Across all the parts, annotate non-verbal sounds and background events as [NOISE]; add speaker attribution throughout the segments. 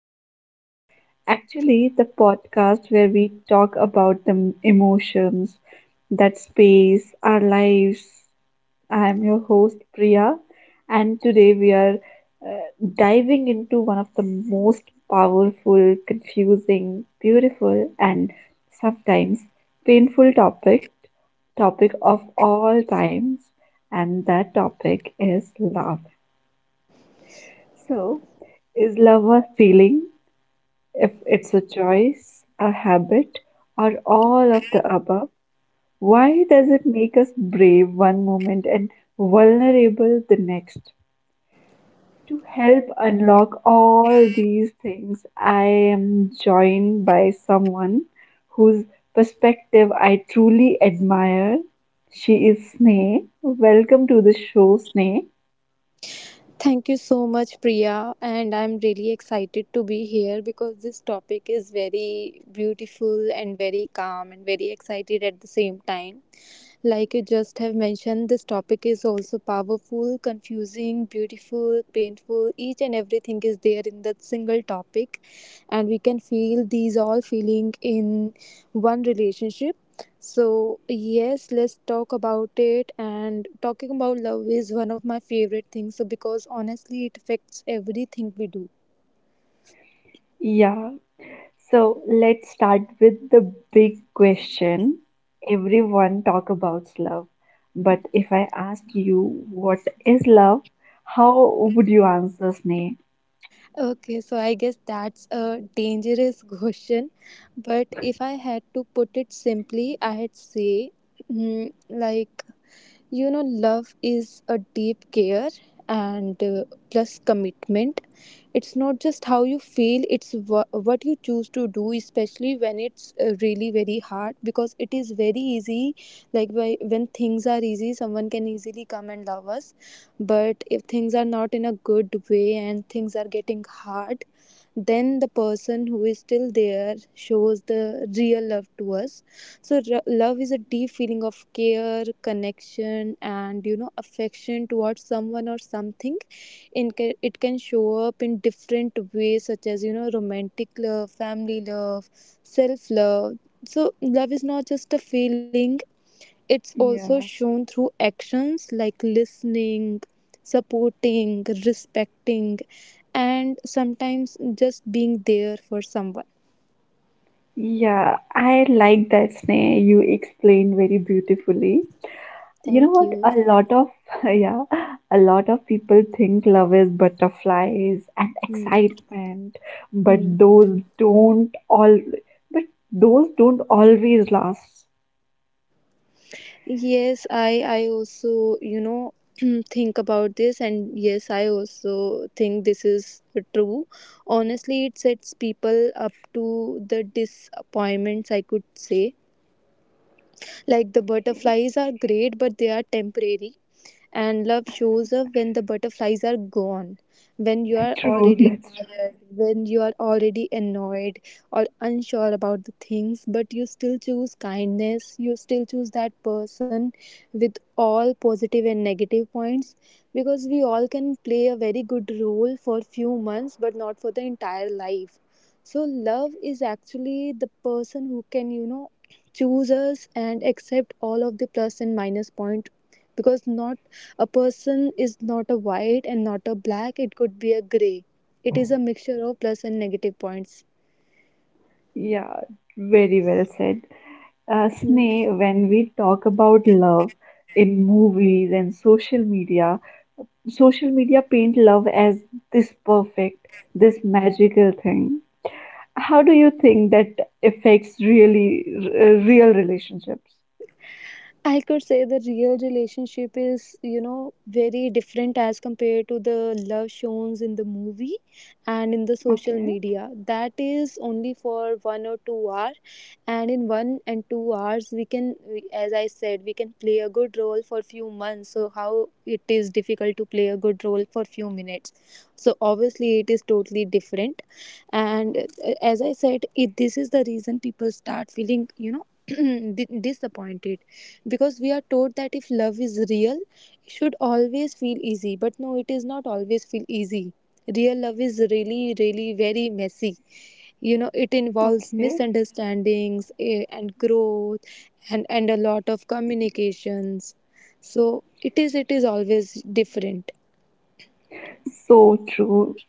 Speaker 1: podcast. The podcast where we talk about the emotions that space our lives. I am your host, Priya, and today we are uh, diving into one of the most powerful, confusing, beautiful, and sometimes painful topic of all times, and that topic is love. So, is love a feeling? If it's a choice, a habit, or all of the above, why does it make us brave one moment and vulnerable the next? To help unlock all these things, I am joined by someone whose perspective I truly admire. She is Sneh. Welcome to the show, Sneh.
Speaker 2: Thank you so much, Priya. And I'm really excited to be here because this topic is very beautiful and very calm and very excited at the same time. Like you just have mentioned, this topic is also powerful, confusing, beautiful, painful. Each and everything is there in that single topic, and we can feel these all feeling in one relationship. So, yes, let's talk about it. And talking about love is one of my favorite things. So, because honestly, it affects everything we do.
Speaker 1: Yeah, so let's start with the big question. Everyone talk about love, but if I asked you what is love, how would you answer, Sneh?
Speaker 2: Okay, so I guess that's a dangerous [LAUGHS] question. But if I had to put it simply, I'd say, mm, like, you know, love is a deep care and plus commitment. It's not just how you feel, it's what you choose to do, especially when it's really very hard, because it is very easy. When things are easy, someone can easily come and love us, but if things are not in a good way and things are getting hard, then the person who is still there shows the real love to us. So love is a deep feeling of care, connection, and you know, affection towards someone or something. It can show up in different ways, such as you know, romantic love, family love, self love. So love is not just a feeling, it's also
Speaker 1: Yeah.
Speaker 2: shown through actions like listening, supporting, respecting, and sometimes just being there for someone.
Speaker 1: Yeah, I like that, Sneh. You explained very beautifully. You know
Speaker 2: Thank
Speaker 1: what?
Speaker 2: you.
Speaker 1: A lot of [LAUGHS] yeah, a lot of people think love is butterflies and
Speaker 2: Hmm.
Speaker 1: excitement, but
Speaker 2: Hmm.
Speaker 1: those don't all but those don't always last.
Speaker 2: Yes, I also, you know, [CLEARS THROAT] think about this, and yes, I also think this is true. Honestly, it sets people up to the disappointments, I could say. Like the
Speaker 1: Okay.
Speaker 2: butterflies are great, but they are temporary, and love shows up when the butterflies are gone, when you are
Speaker 1: [LAUGHS] True,
Speaker 2: already
Speaker 1: that's true.
Speaker 2: tired, when you are already annoyed or unsure about the things, but you still choose kindness, you still choose that person with all positive and negative points, because we all can play a very good role for few months but not for the entire life. So love is actually the person who can, you know, choose us and accept all of the plus and minus point, because not a person is not a white and not a black, it could be a gray. It is a mixture of plus and negative points.
Speaker 1: Yeah, very well said.
Speaker 2: Hmm.
Speaker 1: Sneh, when we talk about love in movies and social media paint love as this perfect, this magical thing. How do you think that affects real relationships?
Speaker 2: I could say the real relationship is, you know, very different as compared to the love shown in the movie and in the social
Speaker 1: Okay,
Speaker 2: media. That is only for 1 or 2 hours, and in 1 and 2 hours we can, as I said, we can play a good role for few months, so how it is difficult to play a good role for few minutes. So obviously it is totally different. And as I said it, this is the reason people start feeling, you know, [CLEARS THROAT] disappointed, because we are taught that if love is real it should always feel easy, but no, it is not always feel easy. Real love is really very messy. You know, it involves
Speaker 1: okay.
Speaker 2: misunderstandings, and growth, and a lot of communications. So it is always different.
Speaker 1: That's so true.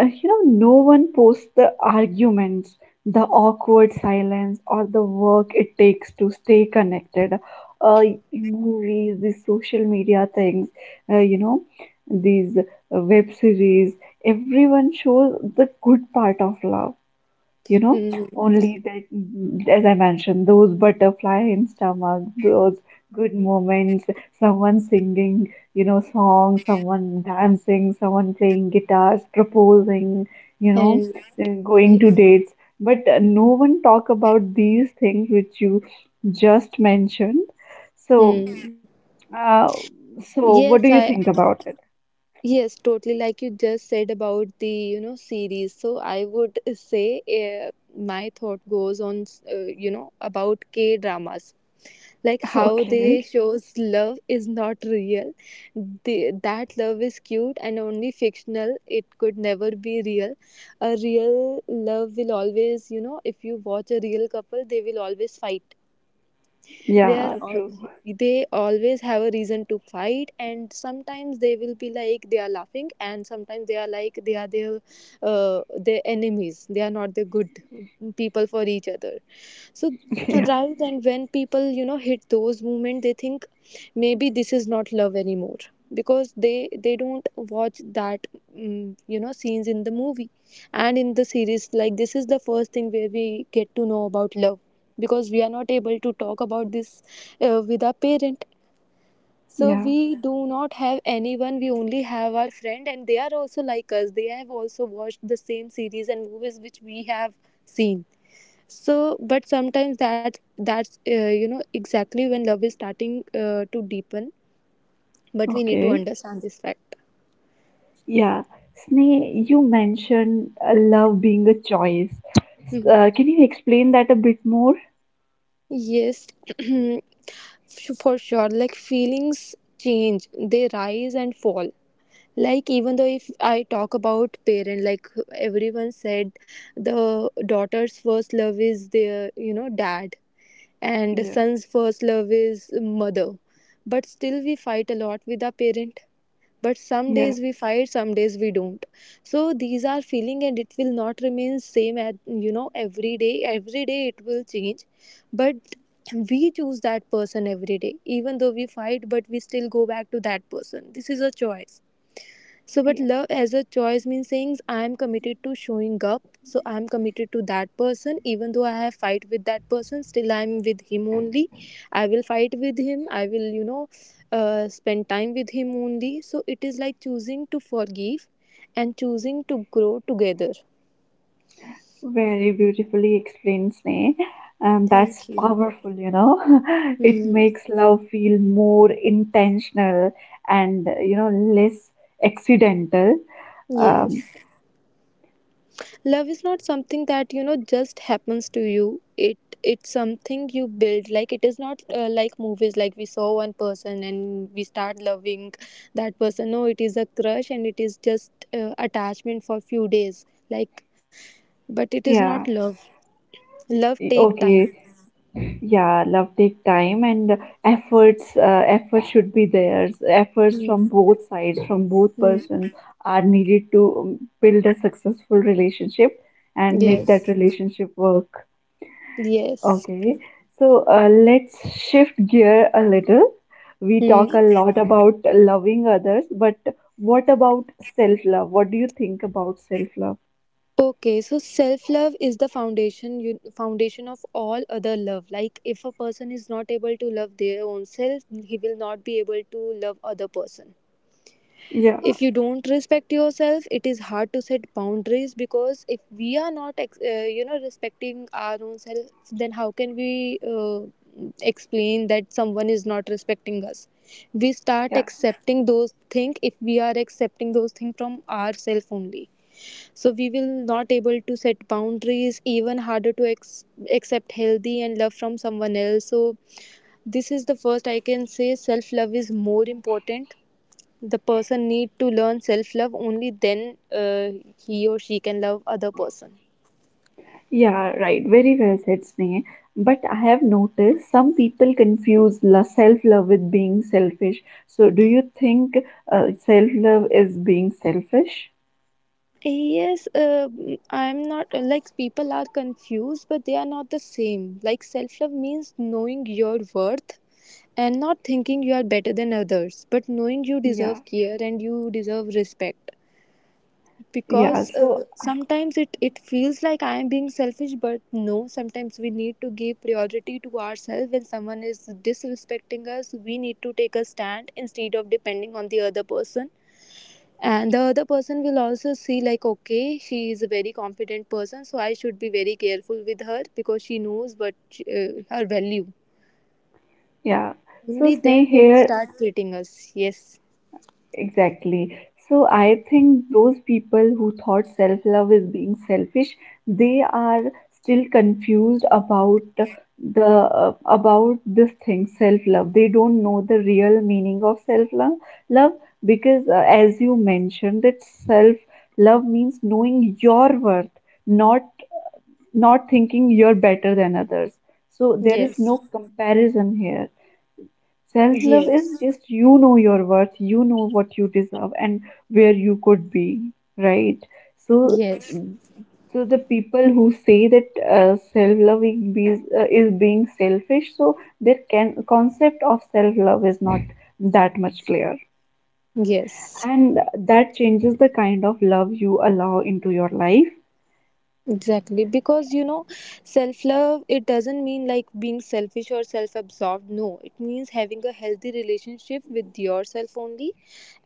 Speaker 1: You know, no one posts the arguments, the awkward silence, or the work it takes to stay connected. Uh, Movies, these social media things, uh, you know, these web series, everyone shows the good part of love, you know,
Speaker 2: Mm.
Speaker 1: only that, as I mentioned, those butterfly in stomach, those good moments, someone singing, you know, song, someone dancing, someone playing guitars, proposing, you know,
Speaker 2: and
Speaker 1: going
Speaker 2: y-
Speaker 1: to dates, but no one talk about these things which you just mentioned. So
Speaker 2: mm.
Speaker 1: uh, so what
Speaker 2: yes
Speaker 1: do you
Speaker 2: i
Speaker 1: think about it?
Speaker 2: yes, totally, like you just said about the, you know, series. So I would say, my thought goes on, you know, about K dramas, like
Speaker 1: [LAUGHS]
Speaker 2: how
Speaker 1: Okay.
Speaker 2: they shows love is not real. That love is cute and only fictional, it could never be real. A real love will always, you know, if you watch a real couple, they will always fight. they are
Speaker 1: Yeah,
Speaker 2: all,
Speaker 1: true.
Speaker 2: they always have a reason to fight, and sometimes they will be like they are laughing, and sometimes they are like they are their enemies, they are not the good people for each other. So
Speaker 1: [LAUGHS] Yeah.
Speaker 2: rather than, when people, you know, hit those moments, they think maybe this is not love anymore, because they don't watch that, mm, you know, scenes in the movie and in the series. Like this is the first thing where we get to know about love, because we are not able to talk about this, with our parent. So
Speaker 1: Yeah.
Speaker 2: we do not have anyone, we only have our friend, and they are also like us, they have also watched the same series and movies which we have seen. So but sometimes that's you know, exactly when love is starting to deepen, but we need to
Speaker 1: Okay.
Speaker 2: understand this fact.
Speaker 1: Yeah, Sneh, you mentioned love being a choice.
Speaker 2: Mhm.
Speaker 1: Can you explain that a bit more?
Speaker 2: Yes. [CLEARS THROAT] For sure, like feelings change, they rise and fall. Like even though if I talk about parent, like everyone said, the daughter's first love is their, you know, dad, and the
Speaker 1: Yeah,
Speaker 2: son's first love is mother. But still we fight a lot with our parent. But some
Speaker 1: yeah,
Speaker 2: days we fight, some days we don't. So these are feeling and it will not remain same at, you know, every day, every day it will change. But we choose that person every day, even though we fight, but we still go back to that person. This is a choice. So, but
Speaker 1: yeah.
Speaker 2: love as a choice means saying I am committed to showing up. So, I am committed to that person. Even though I have fight with that person, still I am with him only. I will fight with him. I will, you know, spend time with him only. So, it is like choosing to forgive and choosing to grow together.
Speaker 1: Very beautifully explained, Sneh. And that's
Speaker 2: Thank you.
Speaker 1: powerful, you know. [LAUGHS] It
Speaker 2: Hmm.
Speaker 1: makes love feel more intentional and, less accidental.
Speaker 2: Yes.
Speaker 1: Um,
Speaker 2: Love is not something that you know just happens to you, it it's something you build. Like it is not, like movies, like we saw one person and we start loving that person. No, it is a crush and it is just, attachment for few days. Like but it is not
Speaker 1: yeah,
Speaker 2: love. Love take time.
Speaker 1: okay. Yeah, love take time and efforts. Effort should be there. Efforts from
Speaker 2: Mm-hmm.
Speaker 1: both sides, from both persons are needed to build a successful relationship and make that
Speaker 2: Yes.
Speaker 1: relationship work.
Speaker 2: Yes.
Speaker 1: Okay, so let's shift gear a little. We talk
Speaker 2: Hmm.
Speaker 1: a lot about loving others, but what about self love? What do you think about self love?
Speaker 2: Okay, so self love is the foundation, foundation of all other love. Like if a person is not able to love their own self, he will not be able to love other person.
Speaker 1: Yeah,
Speaker 2: If you don't respect yourself, it is hard to set boundaries, because if we are not you know, respecting our own self, then how can we explain that someone is not respecting us? We start
Speaker 1: yeah.
Speaker 2: accepting those things if we are accepting those things from ourselves only. So we will not able to set boundaries, even harder to accept healthy and love from someone else. So this is the first, I can say self love is more important. The person need to learn self love, only then he or she can love other person.
Speaker 1: Yeah, right. Very well said, Sneh. But I have noticed some people confuse self-love with being selfish. So, do you think self-love is being selfish?
Speaker 2: Yes. I'm not, like people are confused, but they are not the same. Like self love means knowing your worth, and not thinking you are better than others, but knowing you
Speaker 1: Yeah,
Speaker 2: deserve care and you deserve respect.
Speaker 1: yeah.
Speaker 2: Because
Speaker 1: So,
Speaker 2: sometimes it feels like I am being selfish, but no, sometimes we need to give priority to ourselves. When someone is disrespecting us, we need to take a stand instead of depending on the other person. And the other person will also see, like, okay, she is a very confident person, so I should be very careful with her because she knows what, her value.
Speaker 1: yeah. So,
Speaker 2: Only
Speaker 1: Sneh,
Speaker 2: then they will
Speaker 1: here
Speaker 2: start treating us. Yes.
Speaker 1: exactly. So I think those people who thought self-love is being selfish, they are still confused about the about this thing, self-love. They don't know the real meaning of self-love love because as you mentioned that self-love means knowing your worth, not not thinking you're better than others. So there
Speaker 2: Yes.
Speaker 1: is no comparison here. Self love is
Speaker 2: Yes.
Speaker 1: just, you know, your worth, you know what you deserve and where you could be, right? So,
Speaker 2: Yes.
Speaker 1: so the people who say that self love is, is being selfish, so their concept of self love is not that much clear,
Speaker 2: Yes.
Speaker 1: and that changes the kind of love you allow into your life.
Speaker 2: Exactly, because you know, self love it doesn't mean like being selfish or self absorbed. No, it means having a healthy relationship with yourself only.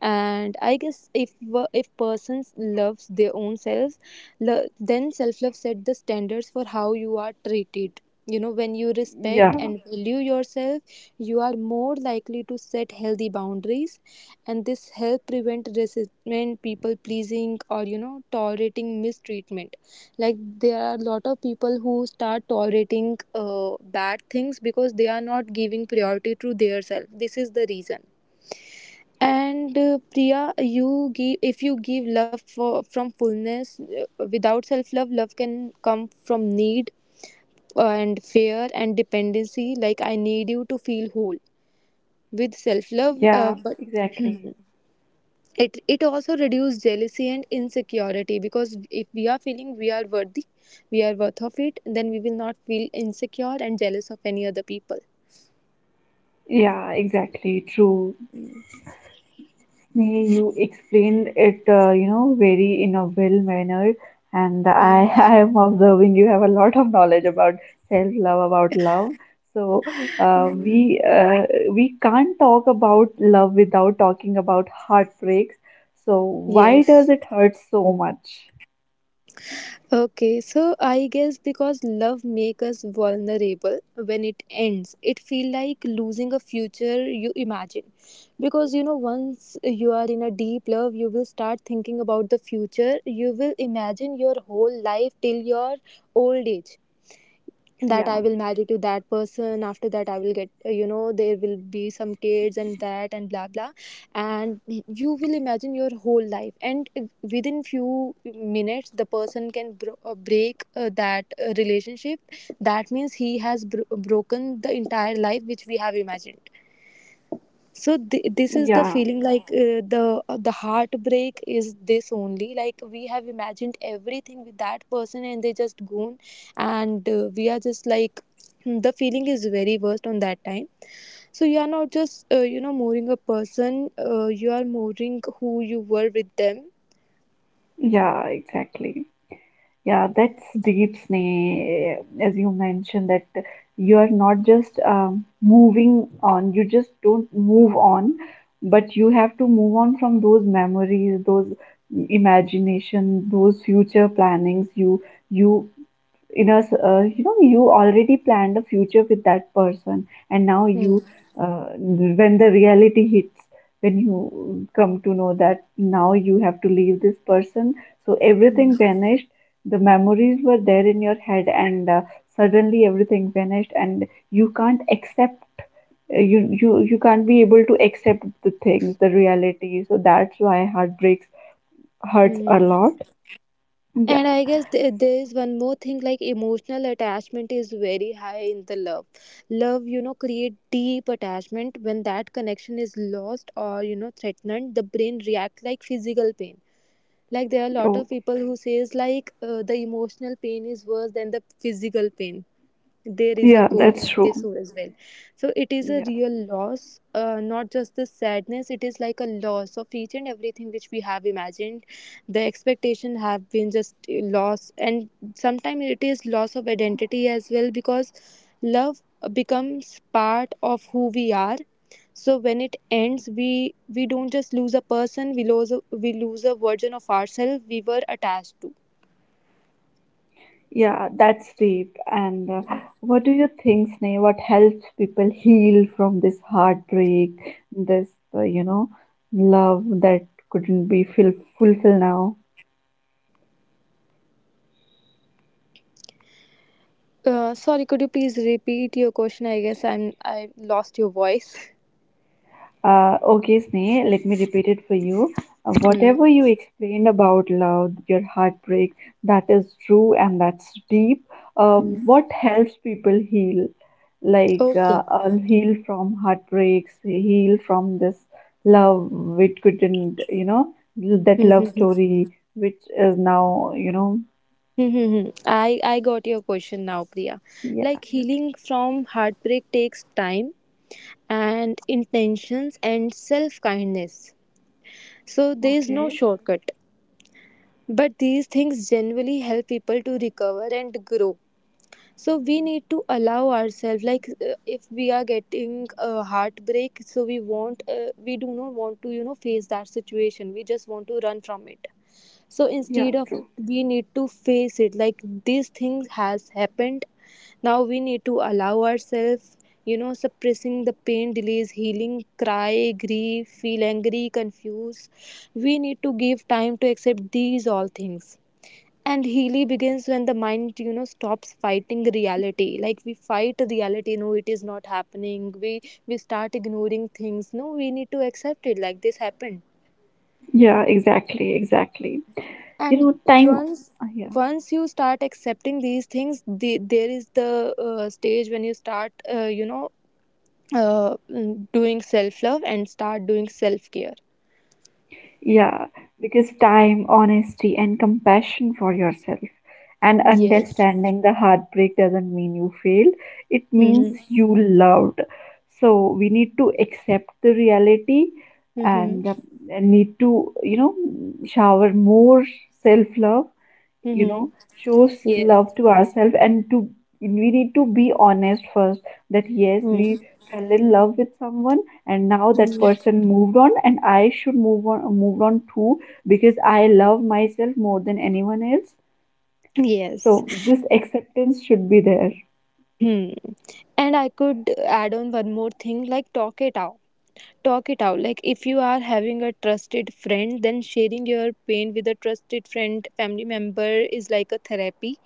Speaker 2: And I guess if if persons loves their own selves, then self love set the standards for how you are treated. You know, when you respect
Speaker 1: Yeah,
Speaker 2: and Yeah. value yourself, you are more likely to set healthy boundaries, and this help prevent resentment, people pleasing, or tolerating mistreatment like there are a lot of people who start tolerating bad things because they are not giving priority to their self. This is the reason. And Priya, you give if you give love for, from fullness without self love, love can come from need and fear and dependency, like I need you to feel whole with self love
Speaker 1: yeah,
Speaker 2: but [CLEARS THROAT]
Speaker 1: exactly.
Speaker 2: it also reduces jealousy and insecurity, because if we are feeling we are worthy, we are worth of it, then we will not feel insecure and jealous of any other people.
Speaker 1: Yeah, exactly. True. You explained it, very in a well manner, and I, [LAUGHS] I am observing you have a lot of knowledge about self-love, about love. So we can't talk about love without talking about heartbreaks. So why
Speaker 2: Yes.
Speaker 1: does it hurt so much?
Speaker 2: Okay, so I guess because love makes us vulnerable, when it ends it feel like losing a future you imagine, because you know once you are in a deep love you will start thinking about the future, you will imagine your whole life till your old age. That I
Speaker 1: Yeah,
Speaker 2: will marry to that person, after that I will get you know, there will be some kids and that and blah blah. And you will imagine your whole life, and within few minutes the person can break that relationship. That means he has broken the entire life which we have imagined. So this is the
Speaker 1: yeah,
Speaker 2: feeling, like the heartbreak is this only, like we have imagined everything with that person and they just gone. And we are just like, hmm, the feeling is very worst on that time. So you are not just you know, mooring a person, you are mooring who you were with them.
Speaker 1: yeah, exactly. Yeah, that's deep, Sneh, as you mentioned, that you are not just moving on, you just don't move on, but you have to move on from those memories, those imagination, those future plannings. You in us You know, you already planned a future with that person, and now you
Speaker 2: Mm.
Speaker 1: when the reality hits, when you come to know that now you have to leave this person, so everything
Speaker 2: Mm.
Speaker 1: vanished. The memories were there in your head, and suddenly everything vanished, and you can't accept you can't be able to accept the things, the reality, so that's why heartbreaks hurts a
Speaker 2: Mm.
Speaker 1: lot.
Speaker 2: And
Speaker 1: Yeah.
Speaker 2: I guess there is one more thing, like emotional attachment is very high in the love. Love, you know, create deep attachment. When that connection is lost or you know threatened, the brain react like physical pain. Like there are a lot of
Speaker 1: Okay.
Speaker 2: people who says like the emotional pain is worse than the physical pain. There is a
Speaker 1: Yeah,
Speaker 2: quote
Speaker 1: that's
Speaker 2: like this
Speaker 1: true.
Speaker 2: one as well. So it is a
Speaker 1: Yeah.
Speaker 2: real loss, not just the sadness, it is like a loss of each and everything which we have imagined. The expectation have been just loss, and sometimes it is loss of identity as well, because love becomes part of who we are. So when it ends, we don't just lose a person, we lose a version of ourselves we were attached to.
Speaker 1: Yeah, that's deep. And what do you think, Sneh? What helps people heal from this heartbreak, this, uh, you know, love that couldn't be fulfilled now?
Speaker 2: Sorry, could you please repeat your question? I guess I lost your voice. [LAUGHS]
Speaker 1: Okay, Sneh, let me repeat it for you.
Speaker 2: Hmm.
Speaker 1: Whatever you explained about love, your heartbreak, that is true and that's deep.
Speaker 2: Hmm.
Speaker 1: What helps people heal? Like,
Speaker 2: Okay.
Speaker 1: I'll heal from heartbreaks, heal from this love which couldn't, you know, that
Speaker 2: Hmm, hmm,
Speaker 1: love
Speaker 2: hmm.
Speaker 1: story which is now, you know,
Speaker 2: Hmm, hmm, hmm. I got your question now, Priya.
Speaker 1: yeah,
Speaker 2: Like healing from heartbreak takes time and intentions and self kindness. So there is no
Speaker 1: okay,
Speaker 2: shortcut. But these things generally help people to recover and grow. So we need to allow ourselves, like if we are getting a heartbreak, so we won't we do not want to you know face that situation, we just want to run from it. So
Speaker 1: yeah,
Speaker 2: instead of
Speaker 1: true.
Speaker 2: it, we need to face it. Like these things has happened, now we need to allow ourselves. You know, suppressing the pain delays healing. Cry, grieve, feel angry, confused. We need to give time to accept these all things. And healing begins when the mind you know stops fighting reality. Like we fight reality, no it is not happening, we start ignoring things. No, we need to accept it like this happened.
Speaker 1: Yeah, exactly, exactly. You
Speaker 2: And
Speaker 1: know, time,
Speaker 2: once
Speaker 1: yeah.
Speaker 2: once you start accepting these things, the, there is the stage when you start you know, doing self love and start doing self care.
Speaker 1: Yeah, because time, honesty, and compassion for yourself and
Speaker 2: Yes.
Speaker 1: understanding the heartbreak doesn't mean you failed, it means
Speaker 2: Mm-hmm.
Speaker 1: you loved. So we need to accept the reality
Speaker 2: Mm-hmm.
Speaker 1: and um, and need to, you know, shower more self love, you
Speaker 2: Mm-hmm.
Speaker 1: know, shows
Speaker 2: Yes.
Speaker 1: love to ourselves and to, we need to be honest first, that yes, we
Speaker 2: Mm-hmm.
Speaker 1: fell in love with someone, and now that
Speaker 2: Mm-hmm.
Speaker 1: person moved on and I should move on too, because I love myself more than anyone else,
Speaker 2: Yes.
Speaker 1: so this acceptance should be there.
Speaker 2: Hmm. And I could add on one more thing, like talk it out. Talk it out, like if you are having a trusted friend, then sharing your pain with a trusted friend, family member is like a therapy.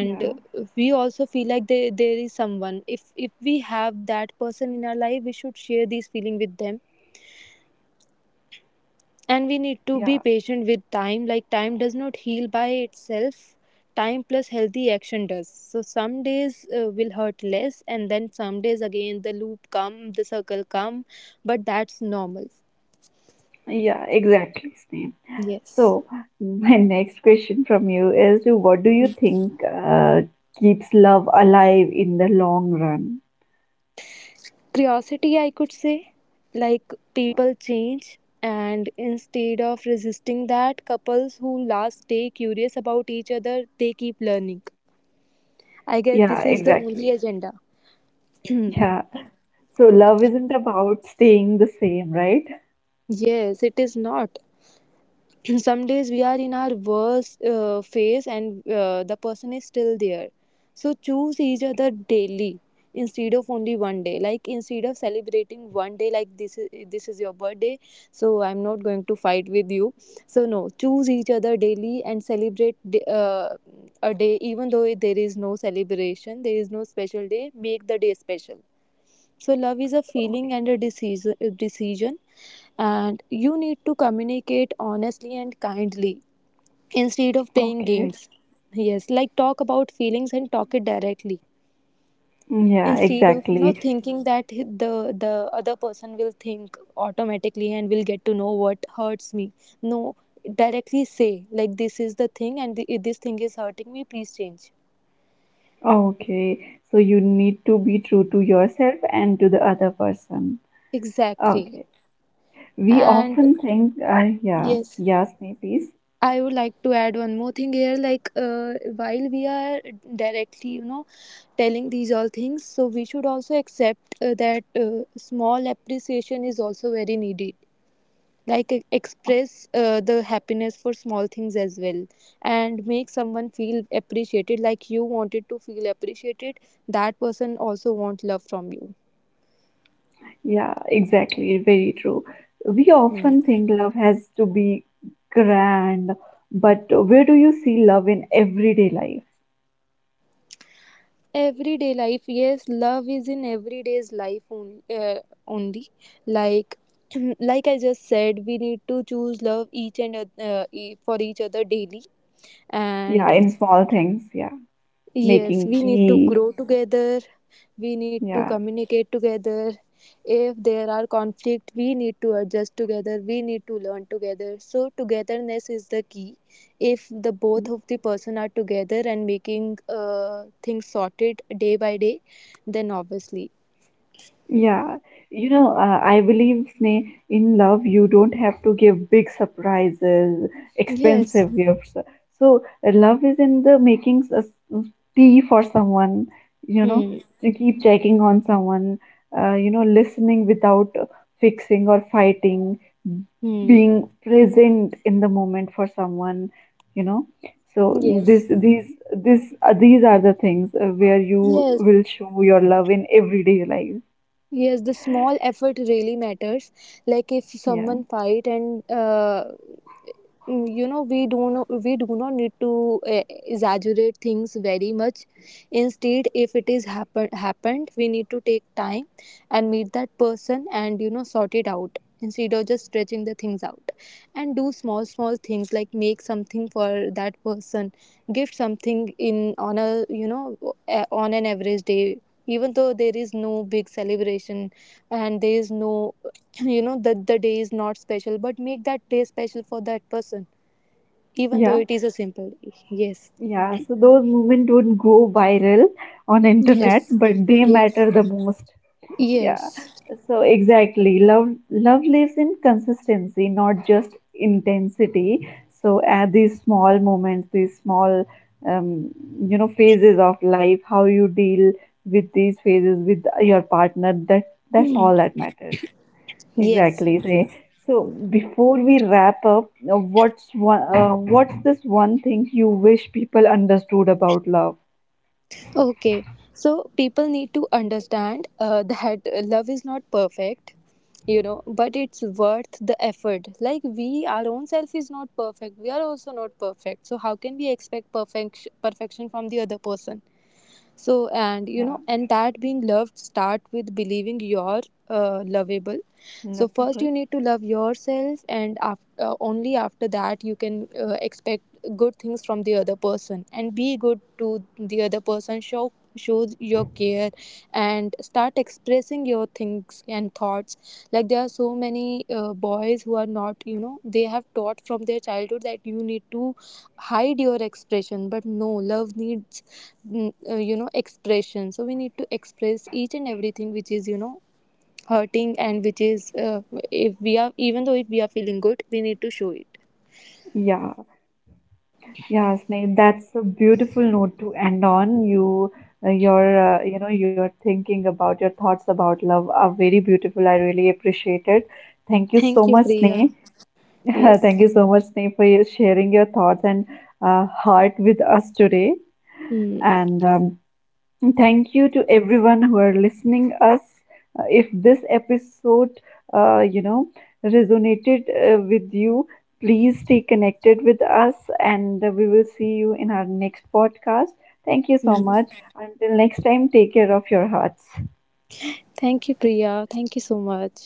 Speaker 1: Yeah,
Speaker 2: we also feel like there is someone, if we have that person in our life we should share these feeling with them. And we need to be
Speaker 1: yeah
Speaker 2: patient with time, like time does not heal by itself, time plus healthy action does. So some days will hurt less, and then some days again the loop come, the circle come, but that's normal.
Speaker 1: yeah exactly same.
Speaker 2: Yes.
Speaker 1: So [LAUGHS] my next question from you is, what do you think keeps love alive in the long run?
Speaker 2: Curiosity, I could say. Like people change, and instead of resisting that, couples who last stay curious about each other, they keep learning. I guess
Speaker 1: Yeah,
Speaker 2: this is the only
Speaker 1: exactly.
Speaker 2: agenda. [CLEARS THROAT]
Speaker 1: Yeah. So love isn't about staying the same, right?
Speaker 2: Yes, it is not. [CLEARS THROAT] Some days we are in our worst phase, and the person is still there. So choose each other daily instead of only one day, like instead of celebrating one day like this is your birthday, so I'm not going to fight with you. So no, choose each other daily and celebrate a day, even though there is no celebration, there is no special day, make the day special. So love is a
Speaker 1: Okay.
Speaker 2: feeling and a decision. And you need to communicate honestly and kindly, instead of playing
Speaker 1: Okay.
Speaker 2: games. Yes, like talk about feelings and talk it directly,
Speaker 1: Yeah,
Speaker 2: instead of you know
Speaker 1: exactly.
Speaker 2: thinking that the other person will think automatically and will get to know what hurts me. No, directly say like this is the thing, and the, this thing is hurting me. Please change.
Speaker 1: Okay. So you need to be true to yourself and to the other person.
Speaker 2: Exactly.
Speaker 1: Okay. We
Speaker 2: And
Speaker 1: often think, yeah,
Speaker 2: yes,
Speaker 1: yes, please.
Speaker 2: I would like to add one more thing here. Like, while we are directly, you know, telling these all things, so we should also accept that small appreciation is also very needed. Like, express the happiness for small things as well, and make someone feel appreciated, like you wanted to feel appreciated. That person also want love from you.
Speaker 1: Yeah, exactly. Very true. We
Speaker 2: Hmm.
Speaker 1: often think love has to be grand, but where do you see love in everyday life?
Speaker 2: Everyday life, yes, love is in everyday's life on, only, like [CLEARS THROAT] like I just said, we need to choose love each and for each other daily.
Speaker 1: Yeah,
Speaker 2: And
Speaker 1: in small things. Yeah,
Speaker 2: yes,
Speaker 1: making
Speaker 2: we need to
Speaker 1: tea.
Speaker 2: grow together, we need to
Speaker 1: Yeah.
Speaker 2: communicate together. If there are conflict, we need to adjust together, we need to learn together, so togetherness is the key. If the both of the person are together and making things sorted day by day, then obviously
Speaker 1: Yeah, you know, I believe Sneh, in love you don't have to give big surprises,
Speaker 2: yes.
Speaker 1: expensive gifts. So love is in the making a tea for someone, you know,
Speaker 2: Hmm.
Speaker 1: to keep checking on someone, listening without fixing or fighting,
Speaker 2: Hmm.
Speaker 1: being present in the moment for someone, you know. So this
Speaker 2: Yes.
Speaker 1: these this these are the things where you
Speaker 2: Yes.
Speaker 1: will show your love in everyday life.
Speaker 2: Yes, the small effort really matters. Like if
Speaker 1: Yeah,
Speaker 2: someone fight and you know, we do not need to exaggerate things very much. Instead, if it is happened, we need to take time and meet that person and you know sort it out, instead of just stretching the things out. And do small small things, like make something for that person, gift something in, on a, you know on an average day, even though there is no big celebration, and there is no [CLEARS THROAT] you know, that the day is not special, but make that day special for that person, even though
Speaker 1: yeah,
Speaker 2: it is a simple. Yes.
Speaker 1: yeah. So those moments don't go viral on
Speaker 2: Yes.
Speaker 1: internet, but they
Speaker 2: Yes.
Speaker 1: matter the most. Yeah.
Speaker 2: Yes.
Speaker 1: So exactly, love love lives in consistency, not just intensity. So at these small moments, these small um, you know, phases of life, how you deal with these phases with your partner, that that's all that matters.
Speaker 2: Yes.
Speaker 1: Exactly. Say so. Before we wrap up, what's one? What's this one thing you wish people understood about love?
Speaker 2: Okay, so people need to understand that love is not perfect, you know, but it's worth the effort. Like we, our own self is not perfect, we are also not perfect, so how can we expect perfection from the other person. So, and you
Speaker 1: Yeah,
Speaker 2: know, and that being loved start with believing you're lovable. So
Speaker 1: love
Speaker 2: first
Speaker 1: people.
Speaker 2: you need to love yourself, and after only after that you can expect good things from the other person, and be good to the other person. Show, show your care, and start expressing your things and thoughts. Like there are so many boys who are not, you know, they have taught from their childhood that you need to hide your expression, but no, love needs you know, expression. So we need to express each and everything which is you know hurting and which is if we are, even though if we are feeling good, we need to show it.
Speaker 1: Yeah, yeah, Sneh. That's a beautiful note to end on. You, your thinking about your thoughts about love are very beautiful. I really appreciate it. Thank you
Speaker 2: Thank
Speaker 1: so
Speaker 2: you,
Speaker 1: much,
Speaker 2: Priya.
Speaker 1: Sneh. [LAUGHS]
Speaker 2: Yes.
Speaker 1: Thank you so much, Sneh, for sharing your thoughts and heart with us today.
Speaker 2: Hmm.
Speaker 1: And and thank you to everyone who are listening us. If this episode, uh, you know, resonated with you, please stay connected with us, and we will see you in our next podcast. Thank you so
Speaker 2: Hmm.
Speaker 1: much. Until next time, take care of your hearts.
Speaker 2: Thank you, Priya, thank you so much.